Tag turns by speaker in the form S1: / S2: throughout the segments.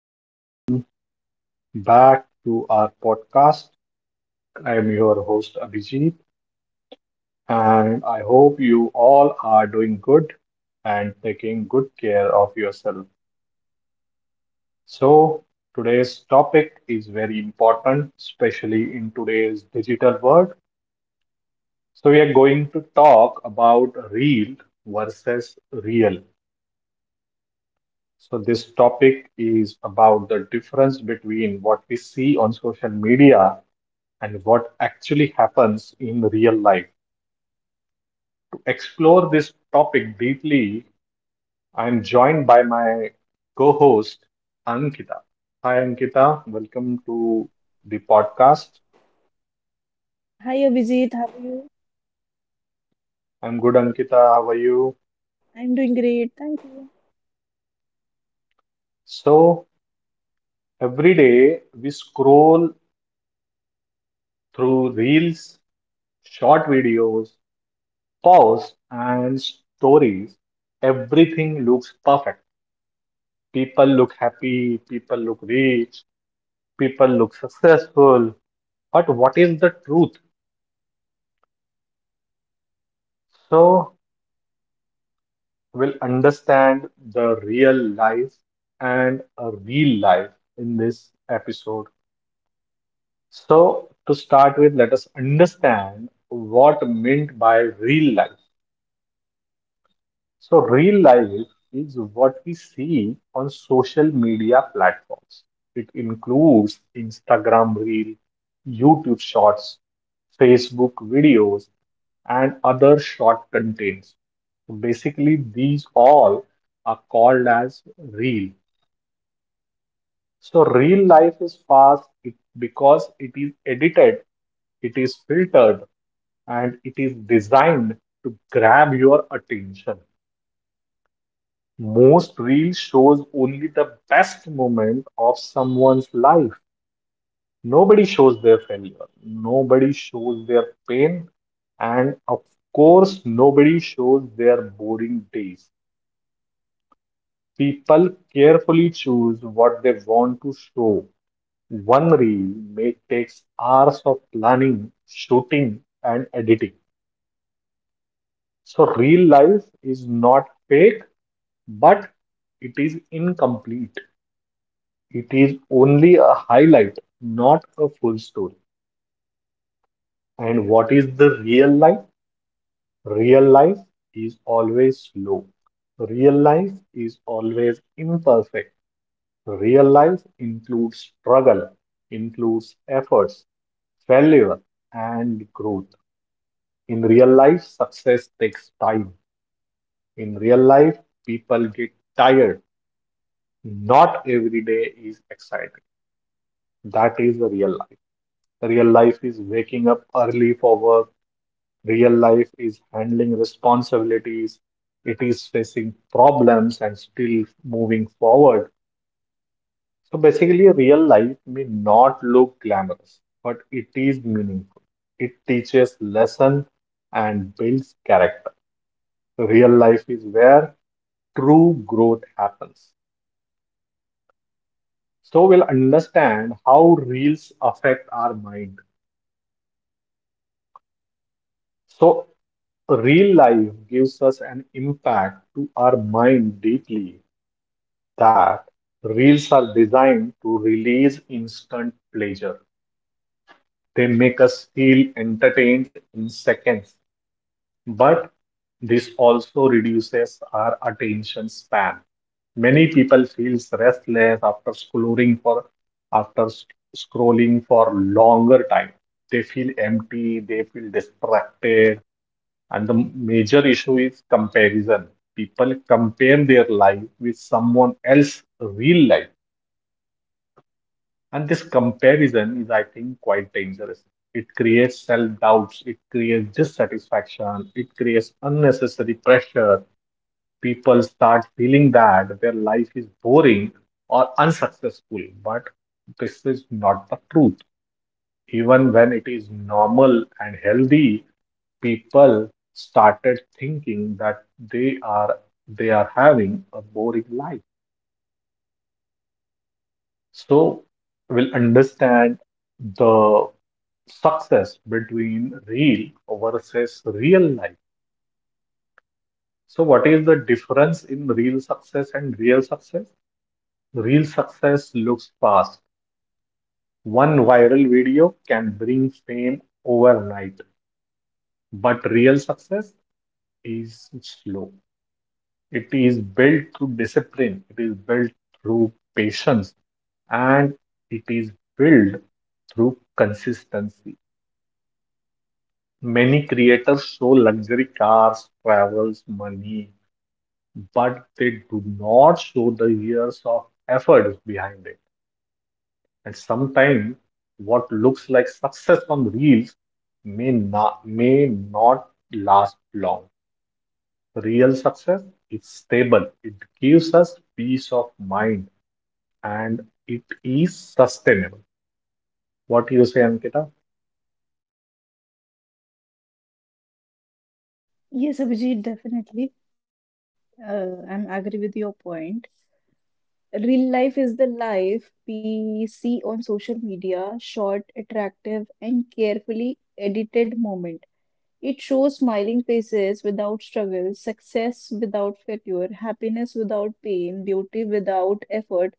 S1: welcome back to our podcast. I am your host, Abhijit, and I hope you all are doing good and taking good care of yourself. So, today's topic is very important, especially in today's digital world. So, we are going to talk about real versus real. So, this topic is about the difference between what we see on social media and what actually happens in real life. To explore this topic deeply, I am joined by my co host, Ankita. Hi, Ankita. Welcome to the podcast.
S2: Hi Abhijit, how are you?
S1: I'm good, Ankita. How are you?
S2: I'm doing great, thank you.
S1: So, every day we scroll through reels, short videos, posts, and stories. Everything looks perfect. People look happy, people look rich, people look successful. But what is the truth? So we'll understand the real life and a real life in this episode. So to start with, let us understand what meant by real life. So, real life is what we see on social media platforms. It includes Instagram Reel, YouTube Shorts, Facebook videos, and other short contents. So basically, these all are called as real. So, real life is fast it, because it is edited, it is filtered, and it is designed to grab your attention. Most reels shows only the best moment of someone's life. Nobody shows their failure. Nobody shows their pain. And of course, nobody shows their boring days. People carefully choose what they want to show. One reel may take hours of planning, shooting, and editing. So real life is not fake, but it is incomplete. It is only a highlight, not a full story. And what is the real life? Real life is always slow. Real life is always imperfect. Real life includes struggle, includes efforts, failure, and growth. In real life, success takes time. In real life, people get tired. Not every day is exciting. That is the real life. Real life is waking up early for work. Real life is handling responsibilities. It is facing problems and still moving forward. So basically, real life may not look glamorous, but it is meaningful. It teaches lesson and builds character. Real life is where true growth happens. So we'll understand how reels affect our mind. So, real life gives us an impact to our mind deeply that reels are designed to release instant pleasure. They make us feel entertained in seconds, but this also reduces our attention span. Many people feel restless after scrolling for after sc- scrolling for longer time. They feel empty, they feel distracted, and the major issue is comparison. People compare their life with someone else's real life. And this comparison is, I think, quite dangerous. It creates self doubts, it creates dissatisfaction, it creates unnecessary pressure. People start feeling that their life is boring or unsuccessful, but this is not the truth even when it is normal and healthy, people started thinking that they are they are having a boring life. So we'll understand the success between real versus real life. So what is the difference in real success and real success? Real success looks fast. One viral video can bring fame overnight, but real success is slow. It is built through discipline, it is built through patience, and it is built through consistency. Many creators show luxury cars, travels, money, but they do not show the years of effort behind it. And sometimes what looks like success on reels may not last long. Real success is stable. It gives us peace of mind, and it is sustainable. What you say, Ankita?
S2: Yes, Abhijit, definitely. I'm agree with your point. Real life is the life we see on social media, short, attractive, and carefully edited moment. It shows smiling faces without struggle, success without failure, happiness without pain, beauty without effort.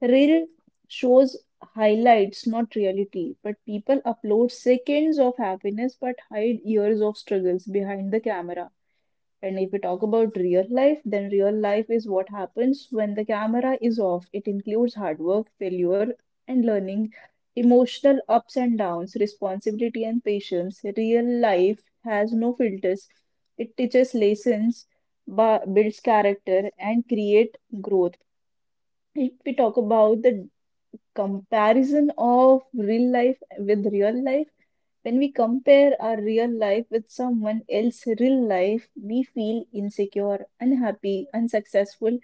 S2: Real shows highlights, not reality. But people upload seconds of happiness but hide years of struggles behind the camera. And if we talk about real life, then real life is what happens when the camera is off. It includes hard work, failure, and learning, emotional ups and downs, responsibility, and patience. Real life has no filters. It teaches lessons, builds character, and create growth if we talk about the comparison of real life with real life. When we compare our real life with someone else's real life, we feel insecure, unhappy, unsuccessful,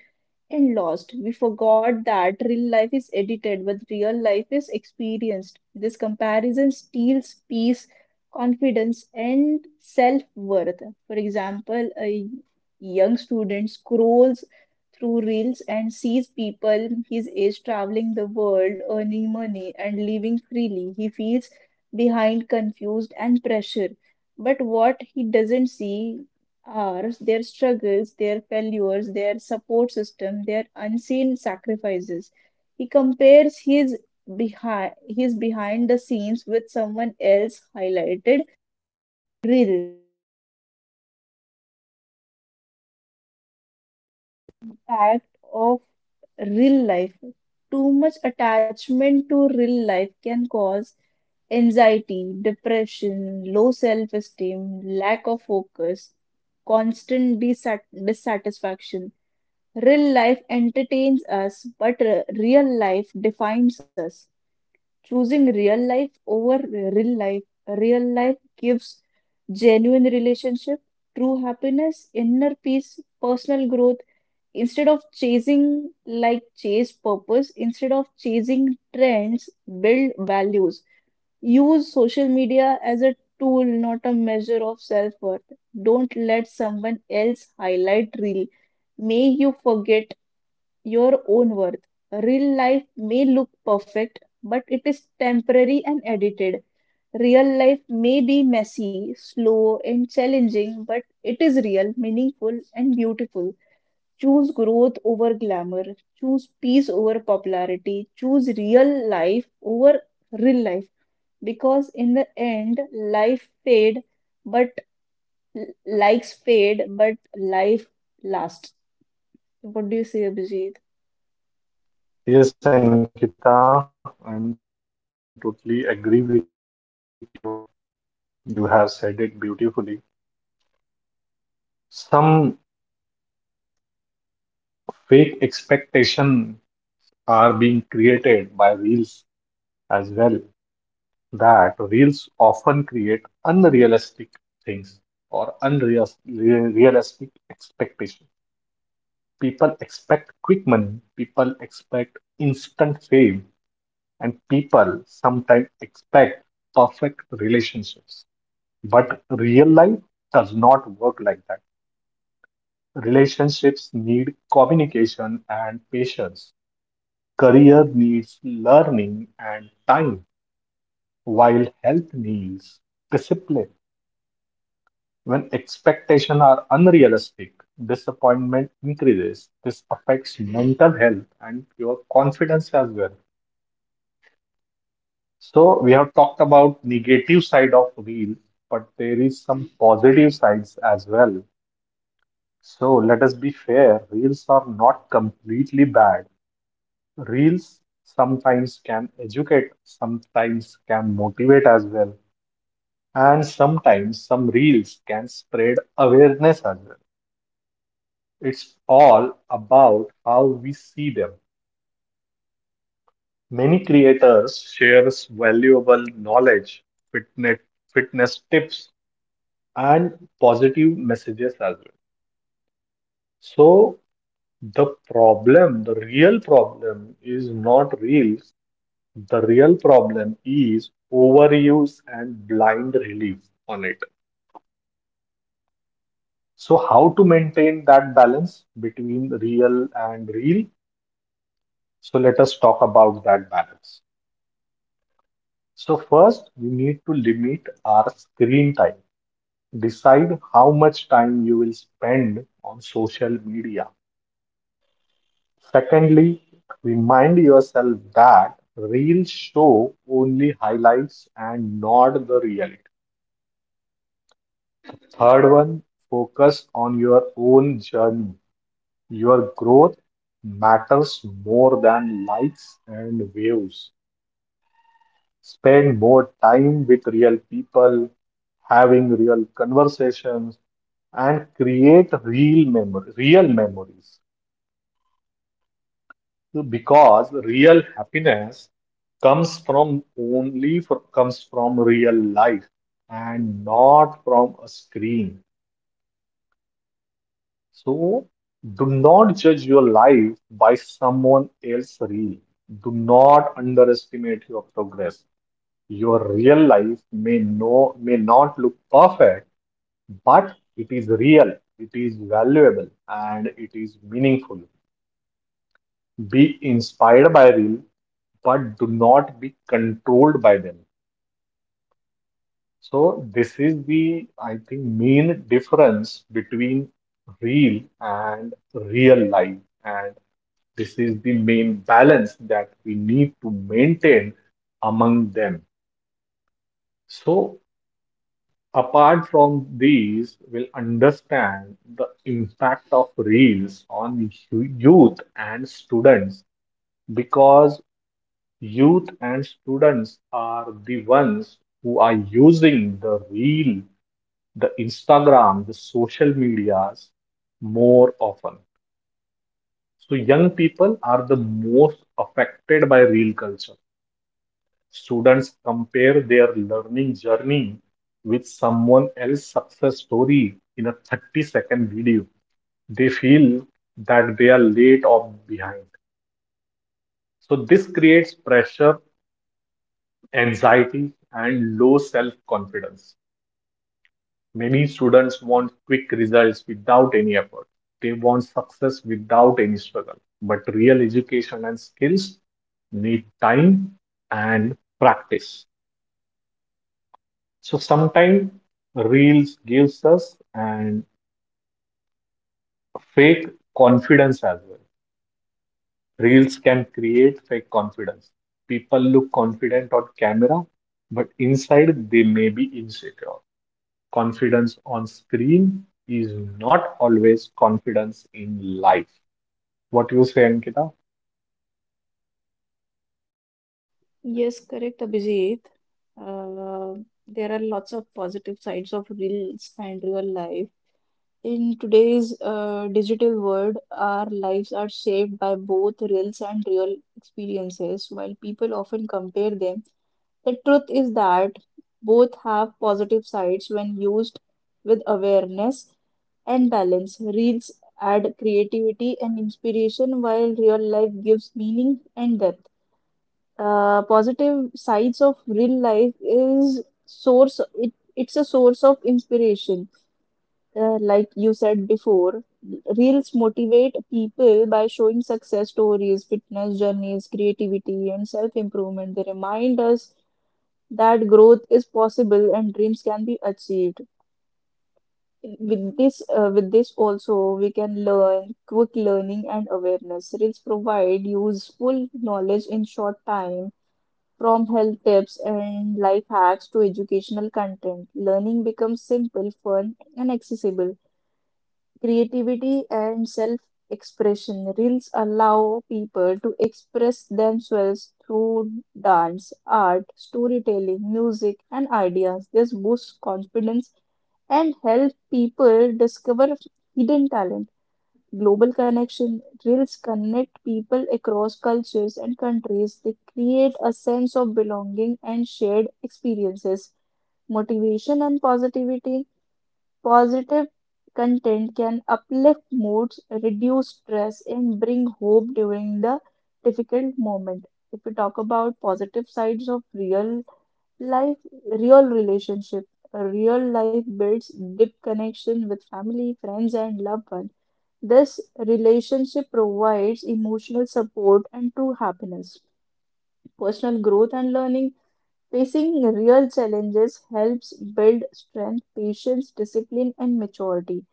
S2: and lost. We forgot that real life is edited, but real life is experienced. This comparison steals peace, confidence, and self worth. For example, a young student scrolls through reels and sees people his age traveling the world, earning money, and living freely. He feels behind, confused, and pressure. But what he doesn't see are, their struggles, their failures, their support system, their unseen sacrifices. He compares his behind the scenes with someone else highlighted reel. Fact of real life. Too much attachment to real life can cause anxiety, depression, low self esteem, lack of focus, constant dissatisfaction. Real life entertains us, but real life defines us. Choosing real life over real life gives genuine relationship, true happiness, inner peace, personal growth, instead of chasing like chase purpose instead of chasing trends, build values, use social media as a tool not a measure of self-worth. Don't let someone else highlight reel may you forget your own worth. Real life may look perfect but it is temporary and edited. Real life may be messy, slow, and challenging, but it is real, meaningful, and beautiful. Choose growth over glamour. Choose peace over popularity. Choose real life over real life. Because in the end, life fade, but likes fade, but life lasts. What do you say, Abhijit?
S1: Yes, Ankita, I'm totally agree with you. You have said it beautifully. Some fake expectation are being created by reels as well. That reels often create unrealistic things or unrealistic expectations. People expect quick money. People expect instant fame. And people sometimes expect perfect relationships, but real life does not work like that. Relationships need communication and patience. Career needs learning and time, while health needs discipline. When expectations are unrealistic, disappointment increases. This affects mental health and your confidence as well. So we have talked about negative side of real, but there is some positive sides as well. So let us be fair, reels are not completely bad. Reels sometimes can educate, sometimes can motivate as well, and sometimes some reels can spread awareness as well. It's all about how we see them. Many creators share valuable knowledge, fitness, fitness tips, and positive messages as well. So the real problem is not reels. The real problem is overuse and blind relief on it. So how to maintain that balance between real and real? So let us talk about that balance. So first, we need to limit our screen time. Decide how much time you will spend on social media. Secondly, remind yourself that reels show only highlights and not the reality. Third one, focus on your own journey. Your growth matters more than likes and views. Spend more time with real people, having real conversations, and create real memories. So because real happiness comes from real life and not from a screen. So do not judge your life by someone else's reel. Do not underestimate your progress. Your real life may not look perfect, but it is real, it is valuable, and it is meaningful. Be inspired by real, but do not be controlled by them. So this is the, I think, main difference between real and real life. And this is the main balance that we need to maintain among them. So, apart from these, we'll understand the impact of reels on youth and students because youth and students are the ones who are using the reel, the Instagram, the social medias more often. So young people are the most affected by reel culture. Students compare their learning journey with someone else's success story in a 30-second video. They feel that they are late or behind. So this creates pressure, anxiety, and low self confidence. Many students want quick results without any effort. They want success without any struggle. But real education and skills need time and practice. So sometimes reels gives us and fake confidence as well. Reels can create fake confidence. People look confident on camera, but inside they may be insecure. Confidence on screen is not always confidence in life. What you say, Ankita?
S2: Yes, correct, Abhijit. Uh, there are lots of positive sides of reels and real life. In today's digital world, our lives are shaped by both reels and real experiences. While people often compare them, the truth is that both have positive sides when used with awareness and balance. Reels add creativity and inspiration, while real life gives meaning and depth. Positive sides of real life is it's a source of inspiration. Like you said before, reels motivate people by showing success stories, fitness journeys, creativity, and self improvement. They remind us that growth is possible and dreams can be achieved. With this also, we can learn quick learning and awareness. Reels provide useful knowledge in short time, from health tips and life hacks to educational content. Learning becomes simple, fun, and accessible. Creativity and self expression. Reels allow people to express themselves through dance, art, storytelling, music, and ideas. This boosts confidence and helps people discover hidden talent. Global connection. Reels connect people across cultures and countries. They create a sense of belonging and shared experiences. Motivation and positivity. Positive content can uplift moods, reduce stress, and bring hope during the difficult moment. If we talk about positive sides of real life, real relationship, a real life builds deep connection with family, friends, and loved ones. This relationship provides emotional support and true happiness. Personal growth and learning. Facing real challenges helps build strength, patience, discipline, and maturity.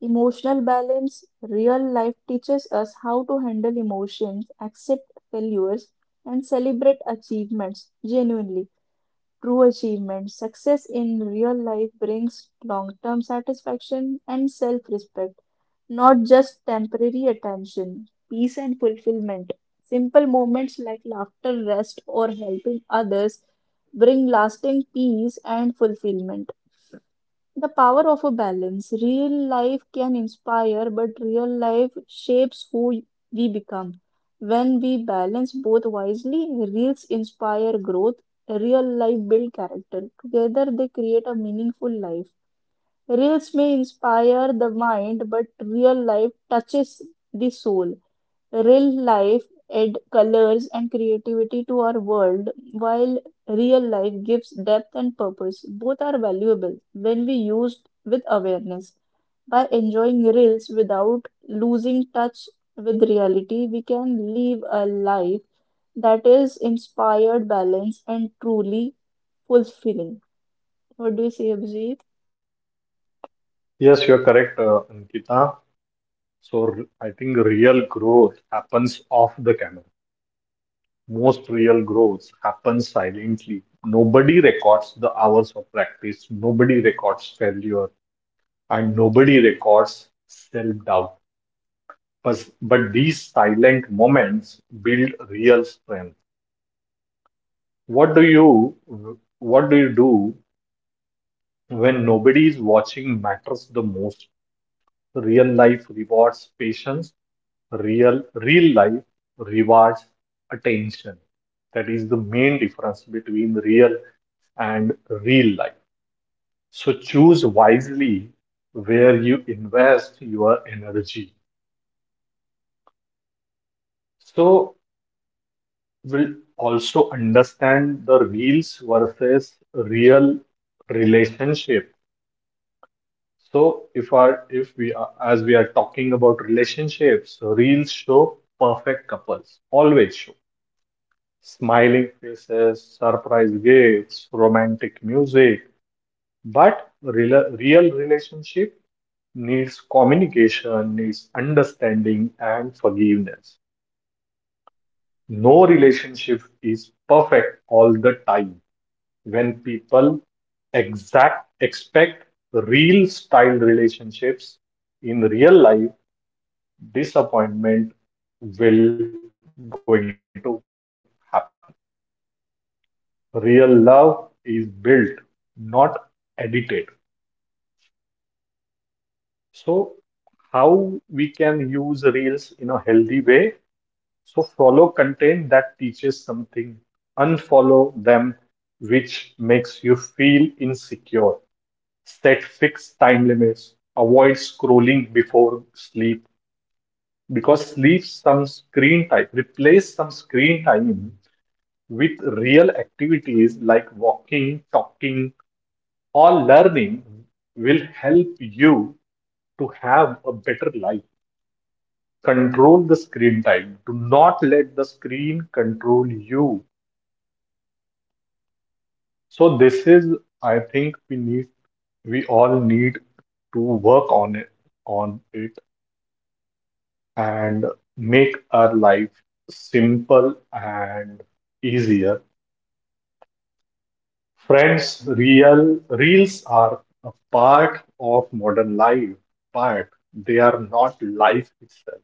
S2: Emotional balance, real life teaches us how to handle emotions, accept failures, and celebrate achievements genuinely. True achievements, success in real life brings long term satisfaction and self respect, not just temporary attention, peace, and fulfillment. Simple moments like laughter, rest, or helping others bring lasting peace and fulfillment. The power of a balance. Real life can inspire, but real life shapes who we become. When we balance both wisely, reels inspire growth, real life build character. Together they create a meaningful life. Reels may inspire the mind, but real life touches the soul. Real life add colors and creativity to our world, while real life gives depth and purpose. Both are valuable when we used with awareness. By enjoying reels without losing touch with reality, we can live a life that is inspired, balanced, and truly fulfilling. What do you say, Abhijit?
S1: Yes, you're correct, Ankita. So I think real growth happens off the camera. Most real growth happens silently. Nobody records the hours of practice. Nobody records failure, and nobody records self-doubt. But these silent moments build real strength. What do you what do you do when nobody is watching matters the most? Real life rewards patience, real life rewards attention. That is the main difference between real and real life. So choose wisely where you invest your energy. So we'll also understand the reels versus real relationship. So if we are, as we are talking about relationships, reels show perfect couples, always show smiling faces, surprise gifts, romantic music. But real relationship needs communication, needs understanding and forgiveness. No relationship is perfect all the time. When people exact expect real style relationships in real life, disappointment will going to happen. Real love is built, not edited. So, how we can use Reels in a healthy way? So, follow content that teaches something, unfollow them, which makes you feel insecure. Set fixed time limits, avoid scrolling before sleep because sleep some screen time, replace some screen time with real activities like walking, talking, or learning will help you to have a better life. Control the screen time. Do not let the screen control you. So this is, I think we all need to work on it, and make our life simple and easier. Friends, real reels are a part of modern life, but they are not life itself.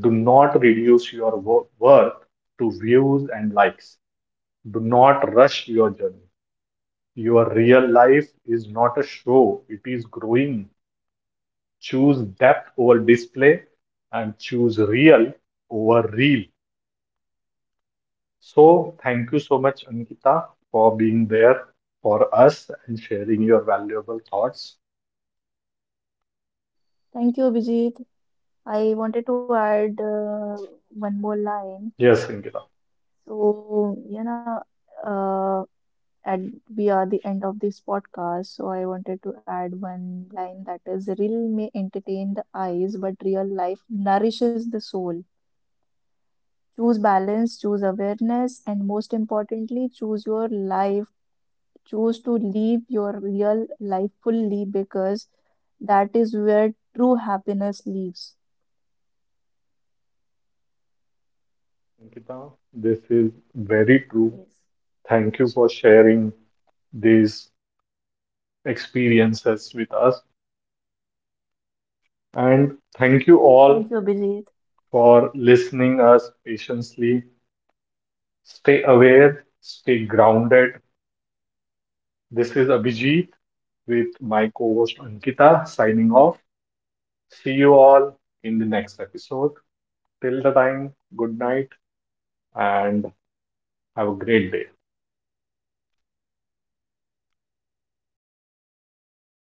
S1: Do not reduce your worth to views and likes. Do not rush your journey. Your real life is not a show, it is growing. Choose depth over display and choose real over real. So, thank you so much, Ankita, for being there for us and sharing your valuable thoughts.
S2: Thank you, Abhijit. I wanted to add one more line.
S1: Yes, Ankita.
S2: So, you know, uh, and we are the end of this podcast, so I wanted to add one line, that is real may entertain the eyes but real life nourishes the soul. Choose balance, choose awareness, and most importantly choose your life. Choose to live your real life fully, because that is where true happiness lives.
S1: Ankita, this is very true.
S2: Yes.
S1: Thank you for sharing these experiences with us. And thank you
S2: Thank
S1: all
S2: you abhijit.
S1: for listening us patiently. Stay aware, stay grounded. This is Abhijit with my co host Ankita signing off. See you all in the next episode. Till the time, good night and have a great day.